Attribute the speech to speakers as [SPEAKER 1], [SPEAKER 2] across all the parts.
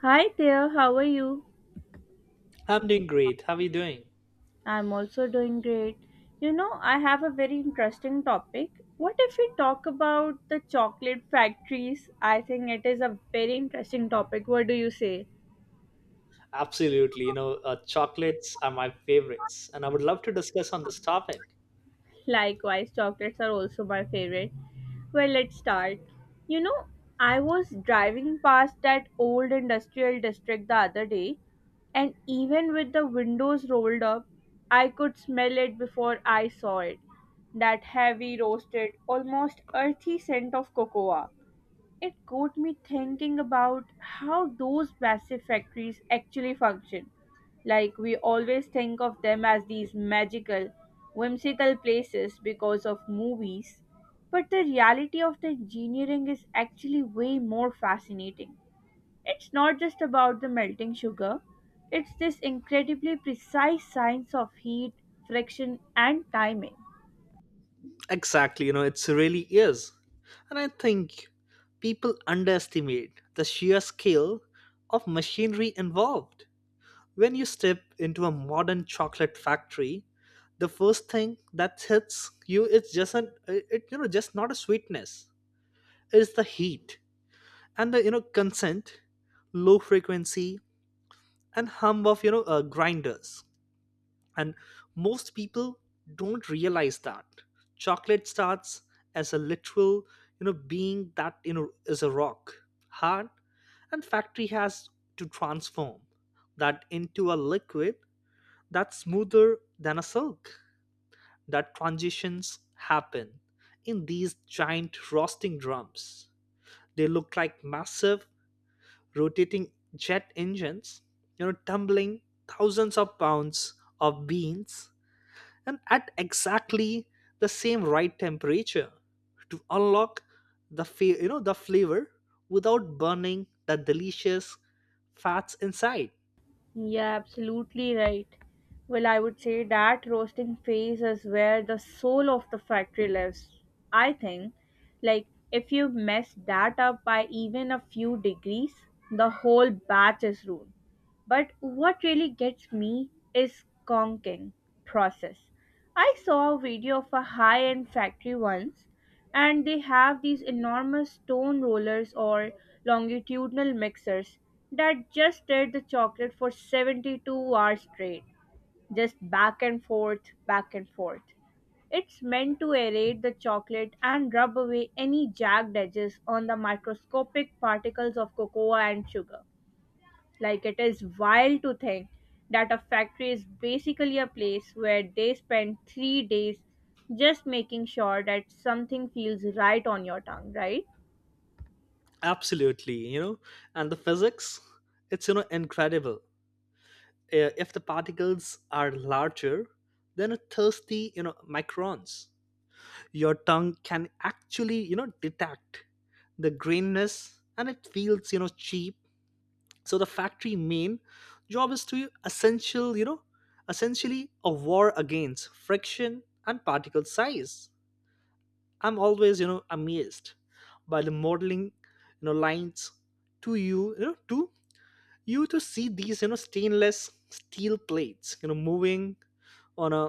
[SPEAKER 1] Hi there, how are you?
[SPEAKER 2] I'm doing great. How are you doing?
[SPEAKER 1] I'm also doing great. You know, I have a very interesting topic. What if we talk about the chocolate factories? I think it is a very interesting topic. What do you say?
[SPEAKER 2] Absolutely. Chocolates are my favorites, and I would love to discuss on this topic.
[SPEAKER 1] Likewise, chocolates are also my favorite. Well, let's start. You know, I was driving past that old industrial district the other day, and even with the windows rolled up, I could smell it before I saw it. That heavy, roasted, almost earthy scent of cocoa. It got me thinking about how those massive factories actually function. Like, we always think of them as these magical, whimsical places because of movies, but the reality of the engineering is actually way more fascinating it's not just about the melting sugar, it's this incredibly precise science of heat, friction, and timing.
[SPEAKER 2] Exactly. It's really is. And I think people underestimate the sheer scale of machinery involved. When you step into a modern chocolate factory, the first thing that hits you is just an it, it, you know just not a sweetness. It's the heat and the consent, low frequency and hum of grinders and most people don't realize that chocolate starts as a literal being that is a rock hard and factory has to transform that into a liquid that's smoother than a silk. That transitions happen in these giant roasting drums. They look like massive rotating jet engines, you know, tumbling thousands of pounds of beans and at exactly the same right temperature to unlock the fa- you know the flavor without burning the delicious fats inside.
[SPEAKER 1] Yeah, absolutely right. Well, I would say that roasting phase is where the soul of the factory lives. I think, like, if you mess that up by even a few degrees, the whole batch is ruined. But what really gets me is conking process. I saw a video of a high-end factory once and they have these enormous stone rollers or longitudinal mixers that just stirred the chocolate for 72 hours straight. Just back and forth, back and forth. It's meant to aerate the chocolate and rub away any jagged edges on the microscopic particles of cocoa and sugar. Like, it is wild to think that a factory is basically a place where they spend three days just making sure that something feels right on your tongue, right?
[SPEAKER 2] Absolutely, you know, and the physics, it's incredible. If the particles are larger than a thirsty, you know, microns, your tongue can actually detect the grainness and it feels cheap. So the factory main job is to essentially a war against friction and particle size. I'm always amazed by the modeling lines to you to see these stainless steel plates moving on a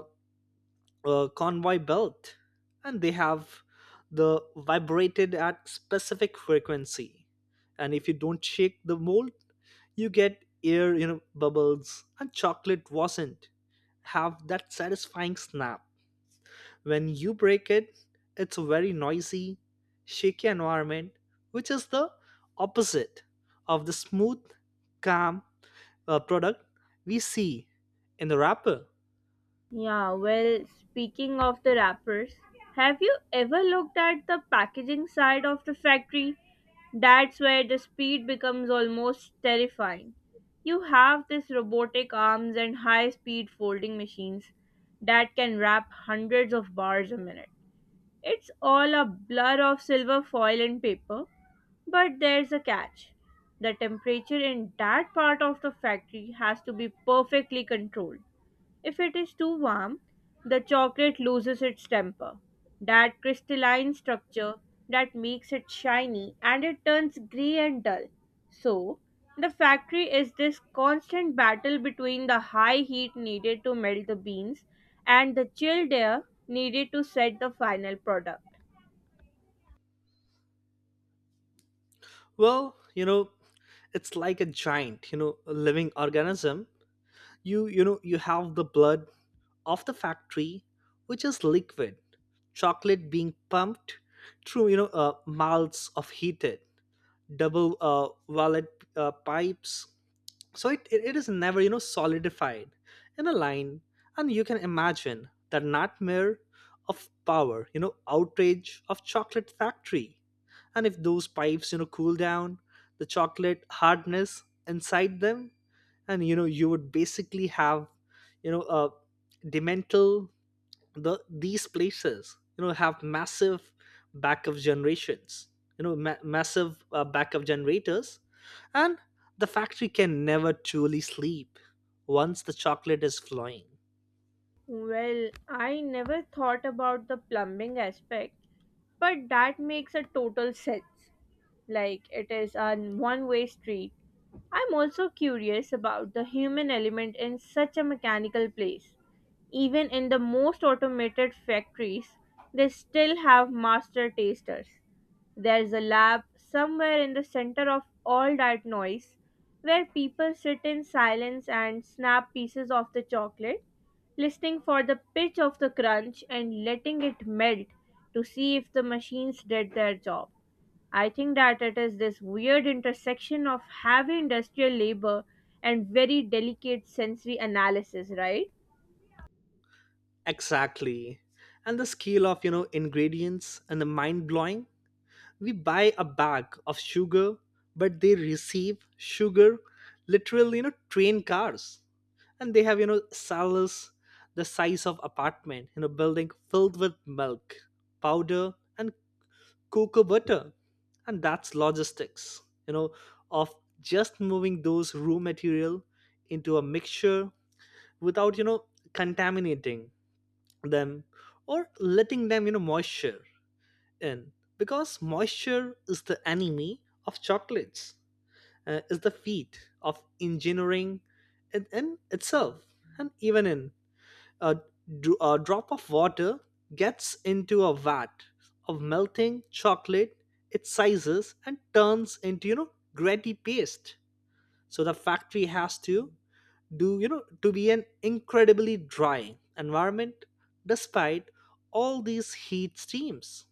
[SPEAKER 2] convoy belt, and they have the vibrated at specific frequency. And if you don't shake the mold you get air bubbles and chocolate wasn't have that satisfying snap when you break it. It's a very noisy shaky environment, which is the opposite of the smooth calm product we see in the wrapper.
[SPEAKER 1] Yeah, well, speaking of the wrappers, have you ever looked at the packaging side of the factory? That's where the speed becomes almost terrifying. You have these robotic arms and high speed folding machines that can wrap hundreds of bars a minute. It's all a blur of silver foil and paper, but there's a catch. The temperature in that part of the factory has to be perfectly controlled. If it is too warm, the chocolate loses its temper. That crystalline structure that makes it shiny and it turns grey and dull. So, the factory is this constant battle between the high heat needed to melt the beans and the chilled air needed to set the final product.
[SPEAKER 2] Well, it's like a giant a living organism. You you know you have the blood of the factory, which is liquid chocolate being pumped through mouths of heated double wallet pipes, so it is never solidified in a line. And you can imagine the nightmare of power outrage of chocolate factory. And if those pipes cool down, the chocolate hardness inside them, and you would basically have a demental. The these places have massive backup generations, massive backup generators. And the factory can never truly sleep once the chocolate is flowing.
[SPEAKER 1] Well, I never thought about the plumbing aspect, but that makes a total sense. Like it is a one way street. I'm also curious about the human element in such a mechanical place. Even in the most automated factories, they still have master tasters. There's a lab somewhere in the center of all that noise where people sit in silence and snap pieces of the chocolate, listening for the pitch of the crunch and letting it melt to see if the machines did their job. I think that it is this weird intersection of heavy industrial labor and very delicate sensory analysis, right?
[SPEAKER 2] Exactly, and the scale of ingredients and the mind blowing. We buy a bag of sugar, but they receive sugar literally, you know, train cars. And they have, you know, cellars the size of apartment you know, building filled with milk, powder, and cocoa butter. And that's logistics, you know, of just moving those raw material into a mixture without, you know, contaminating them or letting them, you know, moisture in, because moisture is the enemy of chocolates, is the feat of engineering in itself. And even in a, a drop of water gets into a vat of melting chocolate, it sizes and turns into, you know, gritty paste. So the factory has to do to be an incredibly dry environment despite all these heat streams.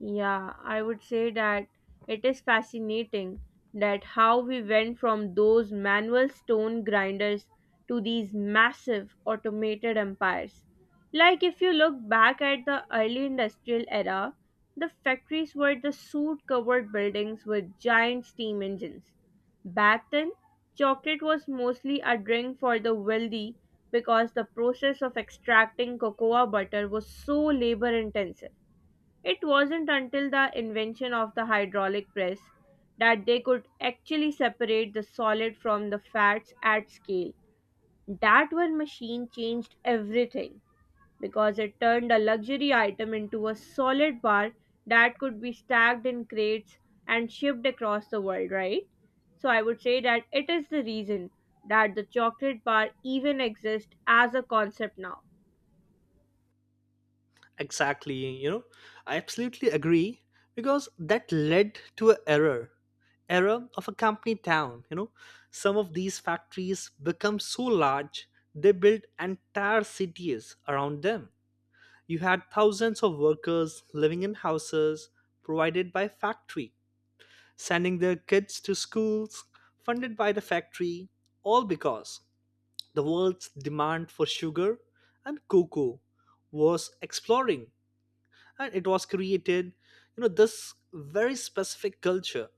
[SPEAKER 1] Yeah, I would say that it is fascinating that how we went from those manual stone grinders to these massive automated empires. Like if you look back at the early industrial era, the factories were the soot-covered buildings with giant steam engines. Back then, chocolate was mostly a drink for the wealthy because the process of extracting cocoa butter was so labor intensive it wasn't until the invention of the hydraulic press that they could actually separate the solid from the fats at scale. That one machine changed everything because it turned a luxury item into a solid bar that could be stacked in crates and shipped across the world, right? So I would say that it is the reason that the chocolate bar even exists as a concept now.
[SPEAKER 2] Exactly, you know, I absolutely agree because that led to error of a company town. You know, some of these factories become so large they build entire cities around them. You had thousands of workers living in houses provided by factory, sending their kids to schools funded by the factory, all because the world's demand for sugar and cocoa was exploring and it was created this very specific culture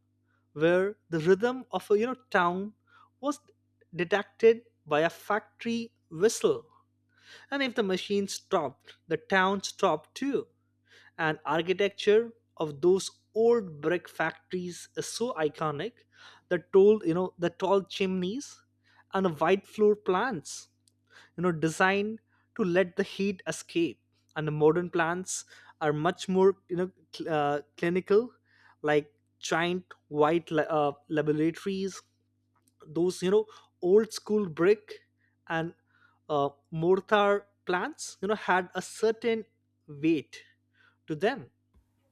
[SPEAKER 2] where the rhythm of a town was detected by a factory whistle. And if the machine stopped the town stopped too. And architecture of those old brick factories is so iconic. The tall chimneys and the white floor plans designed to let the heat escape. And the modern plants are much more clinical, like giant white laboratories. Those old school brick and mortar plants had a certain weight to them.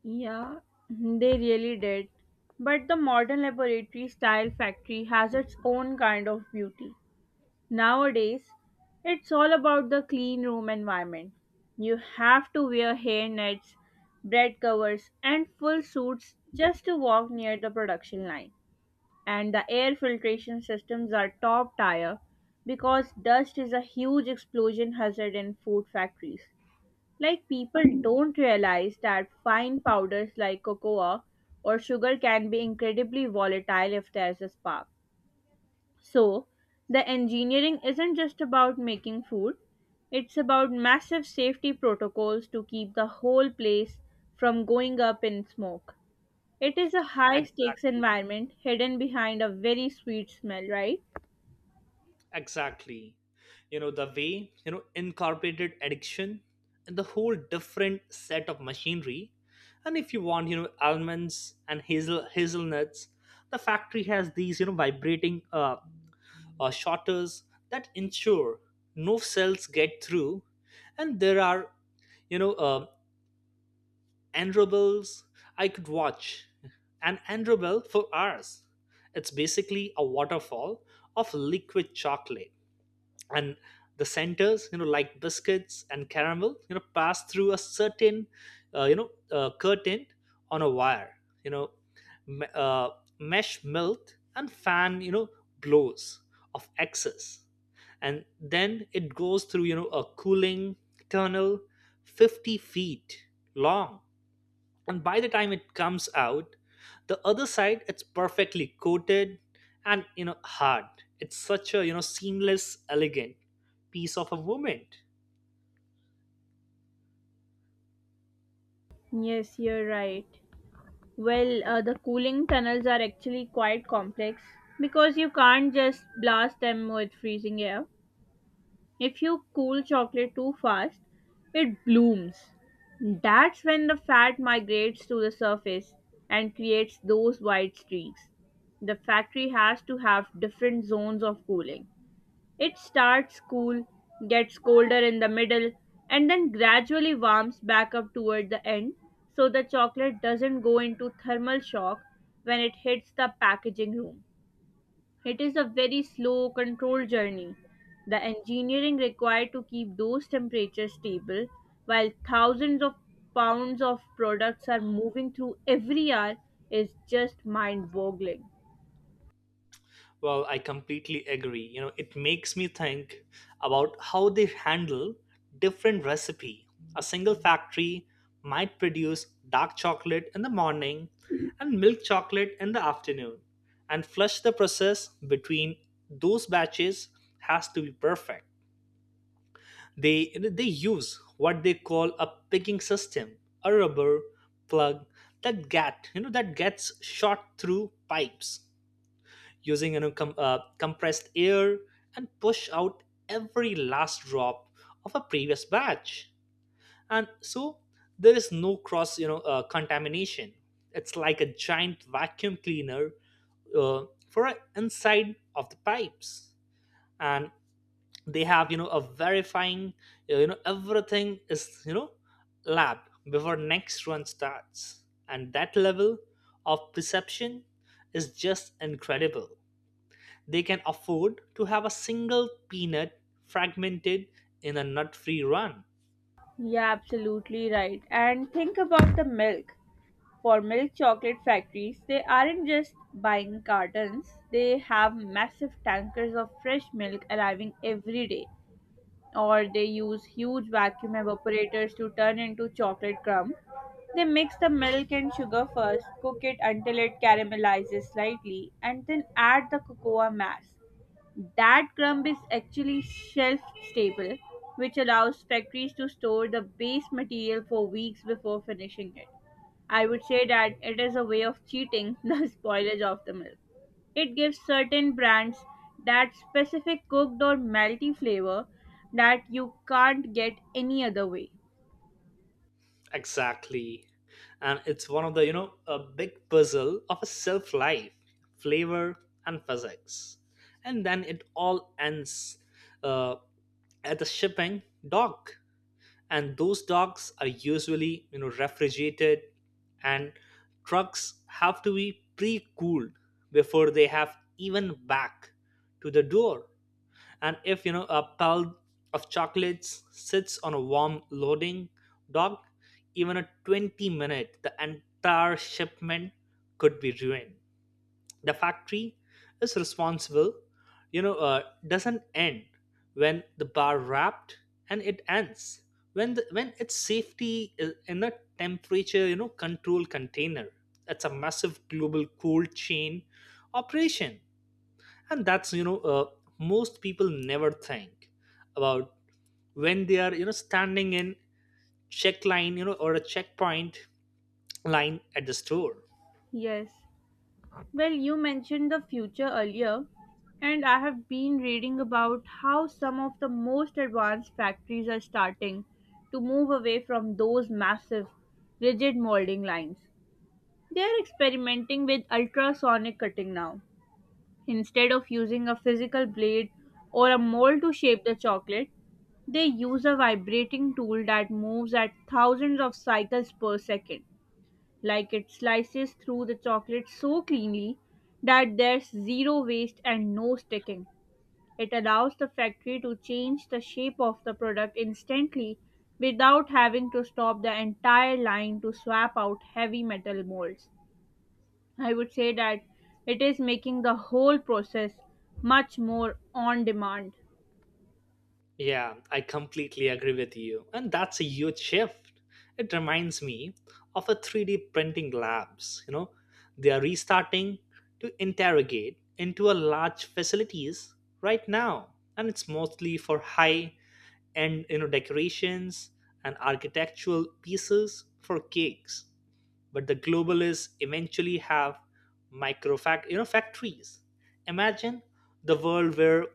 [SPEAKER 1] Yeah, they really did. But the modern laboratory style factory has its own kind of beauty. Nowadays, it's all about the clean room environment. You have to wear hair nets, bread covers, and full suits just to walk near the production line. And the air filtration systems are top tier because dust is a huge explosion hazard in food factories. Like people don't realize that fine powders like cocoa or sugar can be incredibly volatile if there's a spark. So, the engineering isn't just about making food, it's about massive safety protocols to keep the whole place from going up in smoke. It is a high stakes
[SPEAKER 2] exactly
[SPEAKER 1] environment hidden behind a very sweet smell, right?
[SPEAKER 2] Exactly. You know, the way, you know, incorporated addiction and the whole different set of machinery. And if you want, you know, almonds and hazelnuts, the factory has these, you know, vibrating shutters that ensure no cells get through. And there are, you know, andrables. I could watch an andrabel for hours. It's basically a waterfall of liquid chocolate, and the centers like biscuits and caramel pass through a certain curtain on a wire, you know me- uh, mesh melt and fan blows of excess, and then it goes through a cooling tunnel 50 feet long. And by the time it comes out the other side it's perfectly coated and hard. It's such a seamless elegant piece of a movement.
[SPEAKER 1] Yes, you're right. Well, the cooling tunnels are actually quite complex because you can't just blast them with freezing air. If you cool chocolate too fast, it blooms. That's when the fat migrates to the surface and creates those white streaks. The factory has to have different zones of cooling. It starts cool, gets colder in the middle, and then gradually warms back up toward the end so the chocolate doesn't go into thermal shock when it hits the packaging room. It is a very slow, controlled journey. The engineering required to keep those temperatures stable while thousands of pounds of products are moving through every hour is just mind boggling.
[SPEAKER 2] Well, I completely agree. It makes me think about how they handle different recipe. A single factory might produce dark chocolate in the morning and milk chocolate in the afternoon, and flush the process between those batches has to be perfect. They use what they call a picking system, a rubber plug that gets shot through pipes using compressed air and push out every last drop of a previous batch. And so there is no cross contamination. It's like a giant vacuum cleaner for inside of the pipes. And they have a verifying everything is lab before next run starts. And that level of perception is just incredible. They can afford to have a single peanut fragmented in a nut free run.
[SPEAKER 1] Yeah, absolutely right. And think about the milk. For milk chocolate factories, they aren't just buying cartons, they have massive tankers of fresh milk arriving every day or they use huge vacuum evaporators to turn into chocolate crumb. They mix the milk and sugar first, cook it until it caramelizes slightly, and then add the cocoa mass. That crumb is actually shelf stable, which allows factories to store the base material for weeks before finishing it. I would say that it is a way of cheating the spoilage of the milk. It gives certain brands that specific cooked or melty flavor that you can't get any other way.
[SPEAKER 2] Exactly, and it's one of the a big puzzle of a self life flavor and physics. And then it all ends uh, at the shipping dock. And those dogs are usually refrigerated, and trucks have to be pre-cooled before they have even back to the door. And if a pile of chocolates sits on a warm loading dock, even a 20 minute the entire shipment could be ruined. The factory is responsible, doesn't end when the bar wrapped. And it ends when when its safety is in a temperature control container. It's a massive global cold chain operation. And that's most people never think about when they are standing in check line or a checkpoint line at the store.
[SPEAKER 1] Yes. Well, you mentioned the future earlier, and I have been reading about how some of the most advanced factories are starting to move away from those massive, rigid molding lines. They are experimenting with ultrasonic cutting now. Instead of using a physical blade or a mold to shape the chocolate, they use a vibrating tool that moves at thousands of cycles per second. Like it slices through the chocolate so cleanly that there's zero waste and no sticking. It allows the factory to change the shape of the product instantly without having to stop the entire line to swap out heavy metal molds. I would say that it is making the whole process much more on demand.
[SPEAKER 2] Yeah, I completely agree with you. And that's a huge shift. It reminds me of a 3D printing labs, you know, they are restarting to interrogate into a large facilities right now. And it's mostly for high end, you know, decorations and architectural pieces for cakes. But the globalists eventually have micro fact, you know, factories. Imagine the world where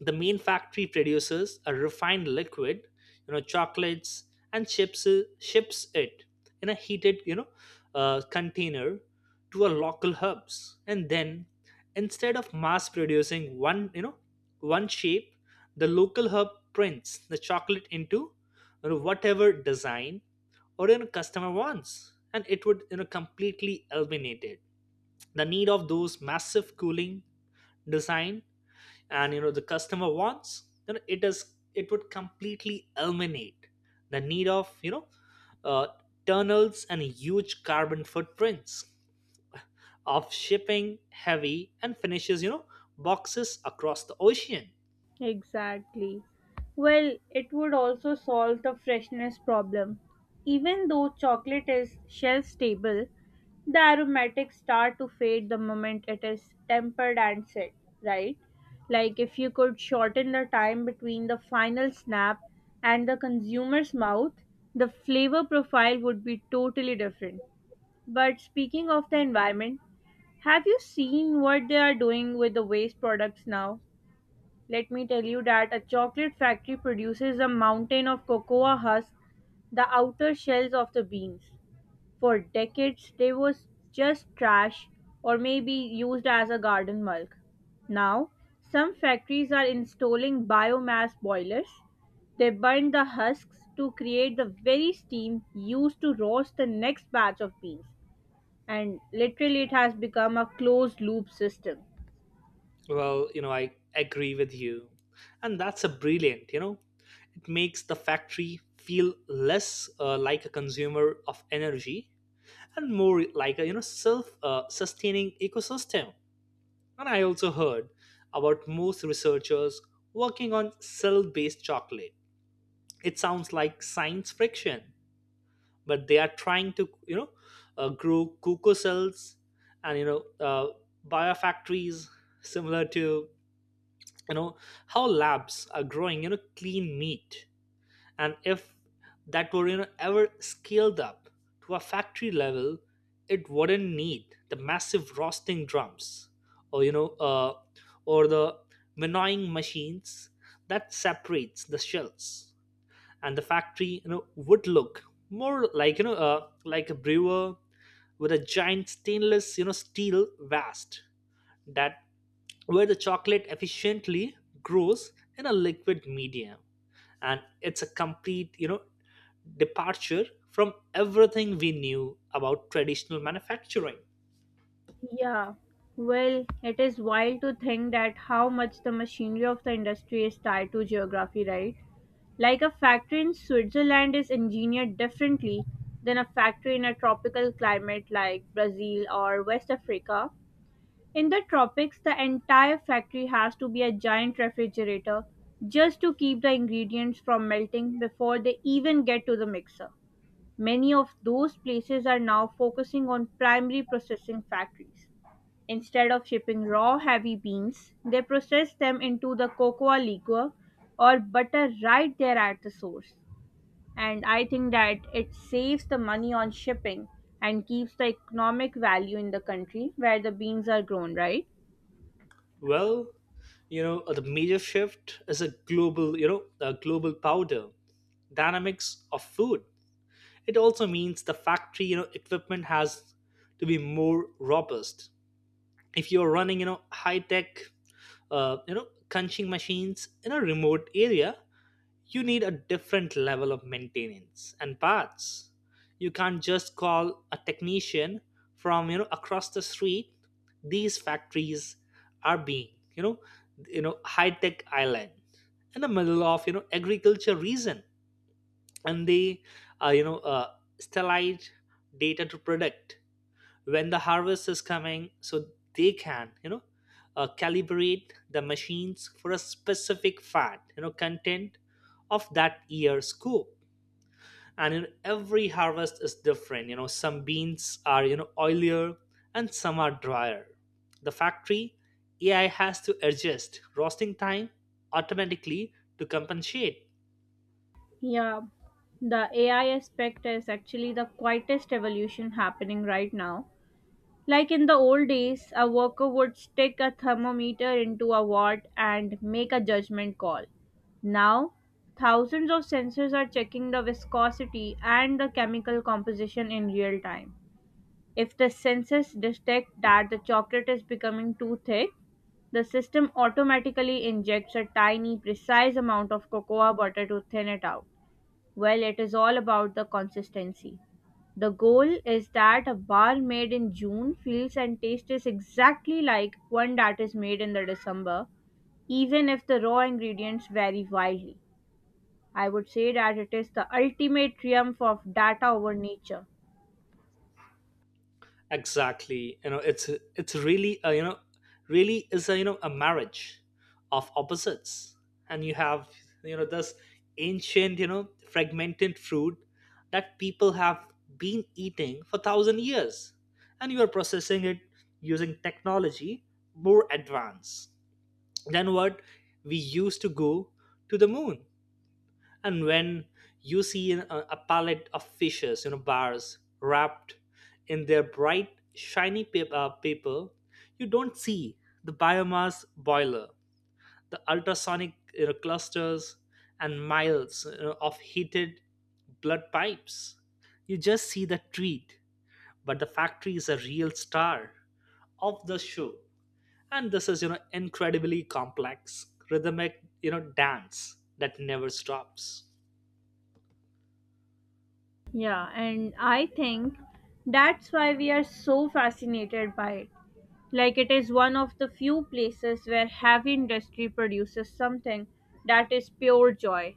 [SPEAKER 2] the main factory produces a refined liquid chocolates and ships it in a heated container to a local hubs. And then instead of mass producing one you know one shape, the local hub prints the chocolate into, you know, whatever design or customer wants. And it would completely eliminate it the need of those massive cooling design. And you know the customer wants, then it does it would completely eliminate the need of uh, tunnels and huge carbon footprints of shipping heavy and finishes boxes across the ocean.
[SPEAKER 1] Exactly. Well, it would also solve the freshness problem. Even though chocolate is shelf stable, the aromatics start to fade the moment it is tempered and set, right? Like if you could shorten the time between the final snap and the consumer's mouth, the flavor profile would be totally different. But speaking of the environment, have you seen what they are doing with the waste products now? Let me tell you that a chocolate factory produces a mountain of cocoa husk, the outer shells of the beans. For decades, they was just trash or maybe used as a garden mulch. Now, some factories are installing biomass boilers. They burn the husks to create the very steam used to roast the next batch of beans and literally it has become a closed loop system.
[SPEAKER 2] Well, you know, I agree with you. And that's a brilliant, you know, it makes the factory feel less like a consumer of energy and more like a self sustaining ecosystem. And I also heard about most researchers working on cell based chocolate. It sounds like science friction, but they are trying to, you know, grow cocoa cells and, you know, biofactories similar to, you know, how labs are growing, you know, clean meat. And if that were ever scaled up to a factory level, it wouldn't need the massive roasting drums or or the winnowing machines that separates the shells. And the factory would look more like like a brewer with a giant stainless steel vast that where the chocolate efficiently grows in a liquid medium. And it's a complete departure from everything we knew about traditional manufacturing.
[SPEAKER 1] Yeah. Well, it is wild to think that how much the machinery of the industry is tied to geography, right? Like a factory in Switzerland is engineered differently than a factory in a tropical climate like Brazil or West Africa. In the tropics, the entire factory has to be a giant refrigerator just to keep the ingredients from melting before they even get to the mixer. Many of those places are now focusing on primary processing factories. Instead of shipping raw heavy beans, they process them into the cocoa liquor or butter right there at the source. And I think that it saves the money on shipping and keeps the economic value in the country where the beans are grown, right?
[SPEAKER 2] Well, you know, the major shift is a global, you know, a global powder dynamics of food. It also means the factory, you know, equipment has to be more robust. If you're running, high tech, crunching machines in a remote area, you need a different level of maintenance and parts. You can't just call a technician from across the street. These factories are being you know high tech island in the middle of agriculture region, and they uh, you know uh, sterilize data to predict when the harvest is coming, so they can calibrate the machines for a specific fat content of that year's crop. And every harvest is different. Some beans are oilier and some are drier. The factory AI has to adjust roasting time automatically to compensate.
[SPEAKER 1] Yeah, the AI aspect is actually the quietest evolution happening right now. Like in the old days, a worker would stick a thermometer into a watt and make a judgment call. Now, thousands of sensors are checking the viscosity and the chemical composition in real time. If the sensors detect that the chocolate is becoming too thick, the system automatically injects a tiny, precise amount of cocoa butter to thin it out. Well, it is all about the consistency. The goal is that a bar made in June feels and tastes exactly like one that is made in the December, even if the raw ingredients vary wildly. I would say that it is the ultimate triumph of data over nature.
[SPEAKER 2] Exactly. It's really a, really is a a marriage of opposites. And you have this ancient fragmented food that people have been eating for thousand years, and you are processing it using technology more advanced than what we used to go to the moon. And when you see a palette of fishes bars wrapped in their bright shiny paper, you don't see the biomass boiler, the ultrasonic clusters, and miles of heated blood pipes. You just see the treat, but the factory is a real star of the show. And this is incredibly complex rhythmic dance that never stops.
[SPEAKER 1] Yeah, and I think that's why we are so fascinated by it. Like, it is one of the few places where heavy industry produces something that is pure joy.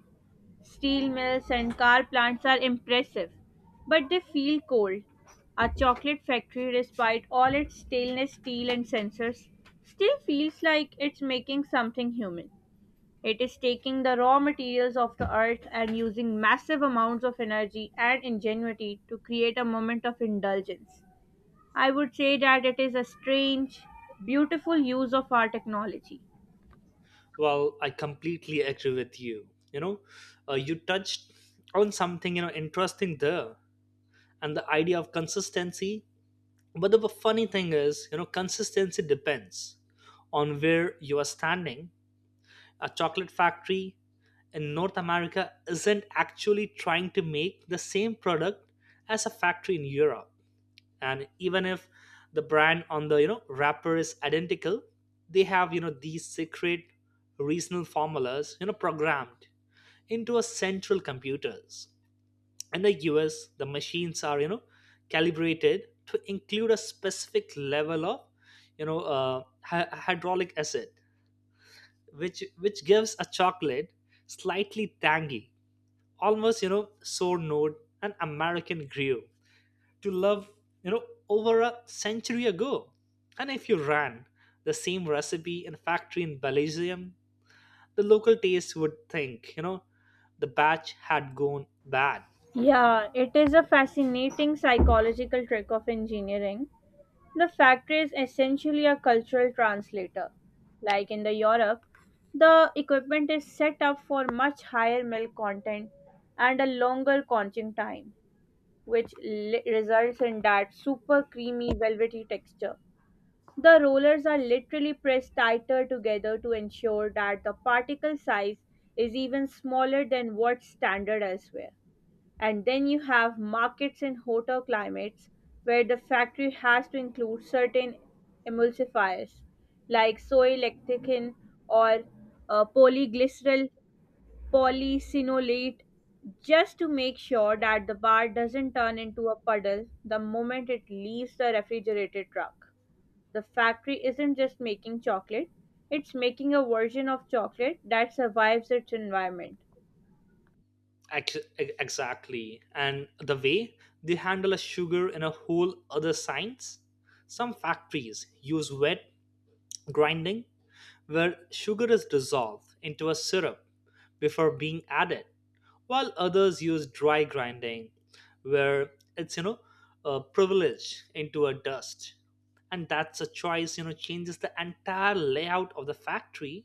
[SPEAKER 1] Steel mills and car plants are impressive, but they feel cold. A chocolate factory, despite all its stainless steel and sensors, still feels like it's making something human. It is taking the raw materials of the earth and using massive amounts of energy and ingenuity to create a moment of indulgence. I would say that it is a strange, beautiful use of our technology.
[SPEAKER 2] Well, I completely agree with you. You touched on something interesting there, and the idea of consistency. But the funny thing is, consistency depends on where you are standing. A chocolate factory in North America isn't actually trying to make the same product as a factory in Europe. And even if the brand on the wrapper is identical, they have these secret regional formulas programmed into a central computers. In the US, the machines are calibrated to include a specific level of hydraulic acid, which gives a chocolate slightly tangy, almost sour note an american grill to love, you know, over a century ago. And if you ran the same recipe in a factory in Belgium, the local taste would think, the batch had gone bad.
[SPEAKER 1] Yeah, it is a fascinating psychological trick of engineering. The factory is essentially a cultural translator. Like in the Europe, the equipment is set up for much higher milk content and a longer conching time, which results in that super creamy, velvety texture. The rollers are literally pressed tighter together to ensure that the particle size is even smaller than what's standard elsewhere. And then you have markets in hotter climates where the factory has to include certain emulsifiers like soy lecithin or polyglycerol polysinolate just to make sure that the bar doesn't turn into a puddle the moment it leaves the refrigerated truck. The factory isn't just making chocolate, it's making a version of chocolate that survives its environment.
[SPEAKER 2] Exactly. And the way they handle a sugar in a whole other science, some factories use wet grinding where sugar is dissolved into a syrup before being added, while others use dry grinding where it's a privilege into a dust. And that's a choice changes the entire layout of the factory.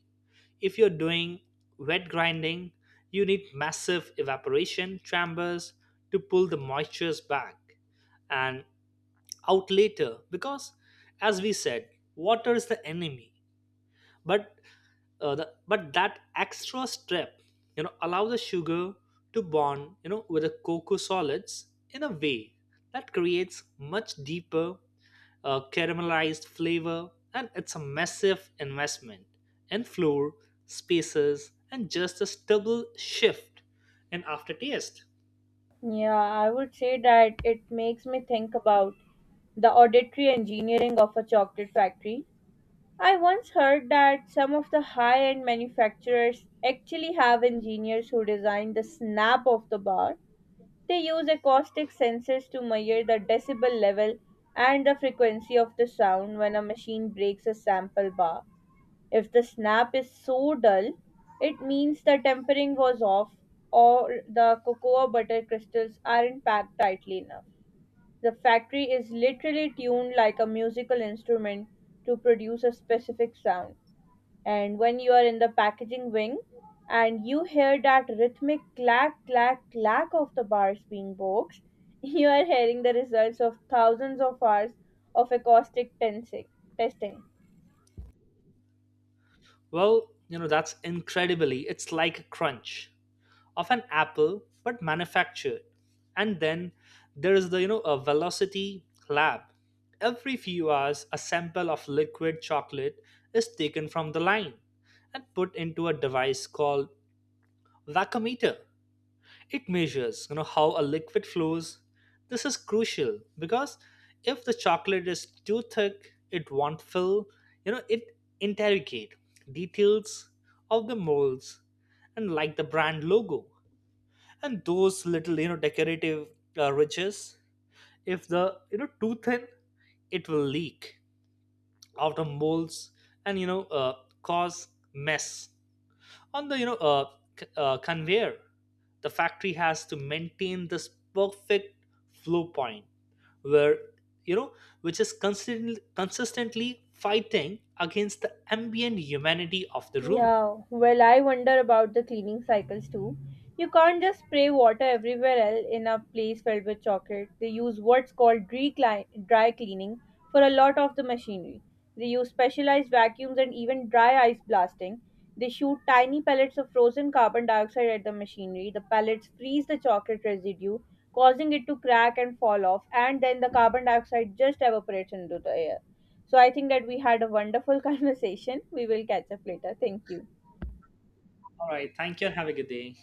[SPEAKER 2] If you're doing wet grinding, you need massive evaporation chambers to pull the moistures back and out later, because as we said, water is the enemy. But but that extra step allow the sugar to bond with the cocoa solids in a way that creates much deeper caramelized flavor. And it's a massive investment in floor spaces and just a stubble shift in aftertaste.
[SPEAKER 1] Yeah, I would say that it makes me think about the auditory engineering of a chocolate factory. I once heard that some of the high end manufacturers actually have engineers who design the snap of the bar. They use acoustic sensors to measure the decibel level and the frequency of the sound when a machine breaks a sample bar. If the snap is so dull, it means the tempering was off or the cocoa butter crystals aren't packed tightly enough. The factory is literally tuned like a musical instrument to produce a specific sound. And when you are in the packaging wing and you hear that rhythmic clack, clack, clack of the bars being boxed, you are hearing the results of thousands of hours of testing.
[SPEAKER 2] Well, that's incredibly, it's like a crunch of an apple but manufactured. And then there is the a velocity lab. Every few hours a sample of liquid chocolate is taken from the line and put into a device called vacuometer. It measures how a liquid flows. This is crucial because if the chocolate is too thick, it won't fill. It interrogate details of the molds and like the brand logo and those little decorative ridges. If the too thin, it will leak out of molds and cause mess on the conveyor. The factory has to maintain this perfect flow point where you know which is consistently consistently fighting against the ambient humanity of the room.
[SPEAKER 1] Yeah, well, I wonder about the cleaning cycles too. You can't just spray water everywhere else in a place filled with chocolate. They use what's called dry cleaning for a lot of the machinery. They use specialized vacuums and even dry ice blasting. They shoot tiny pellets of frozen carbon dioxide at the machinery. The pellets freeze the chocolate residue, causing it to crack and fall off, and then the carbon dioxide just evaporates into the air. So I think that we had a wonderful conversation. We will catch up later. Thank you.
[SPEAKER 2] All right, thank you and have a good day.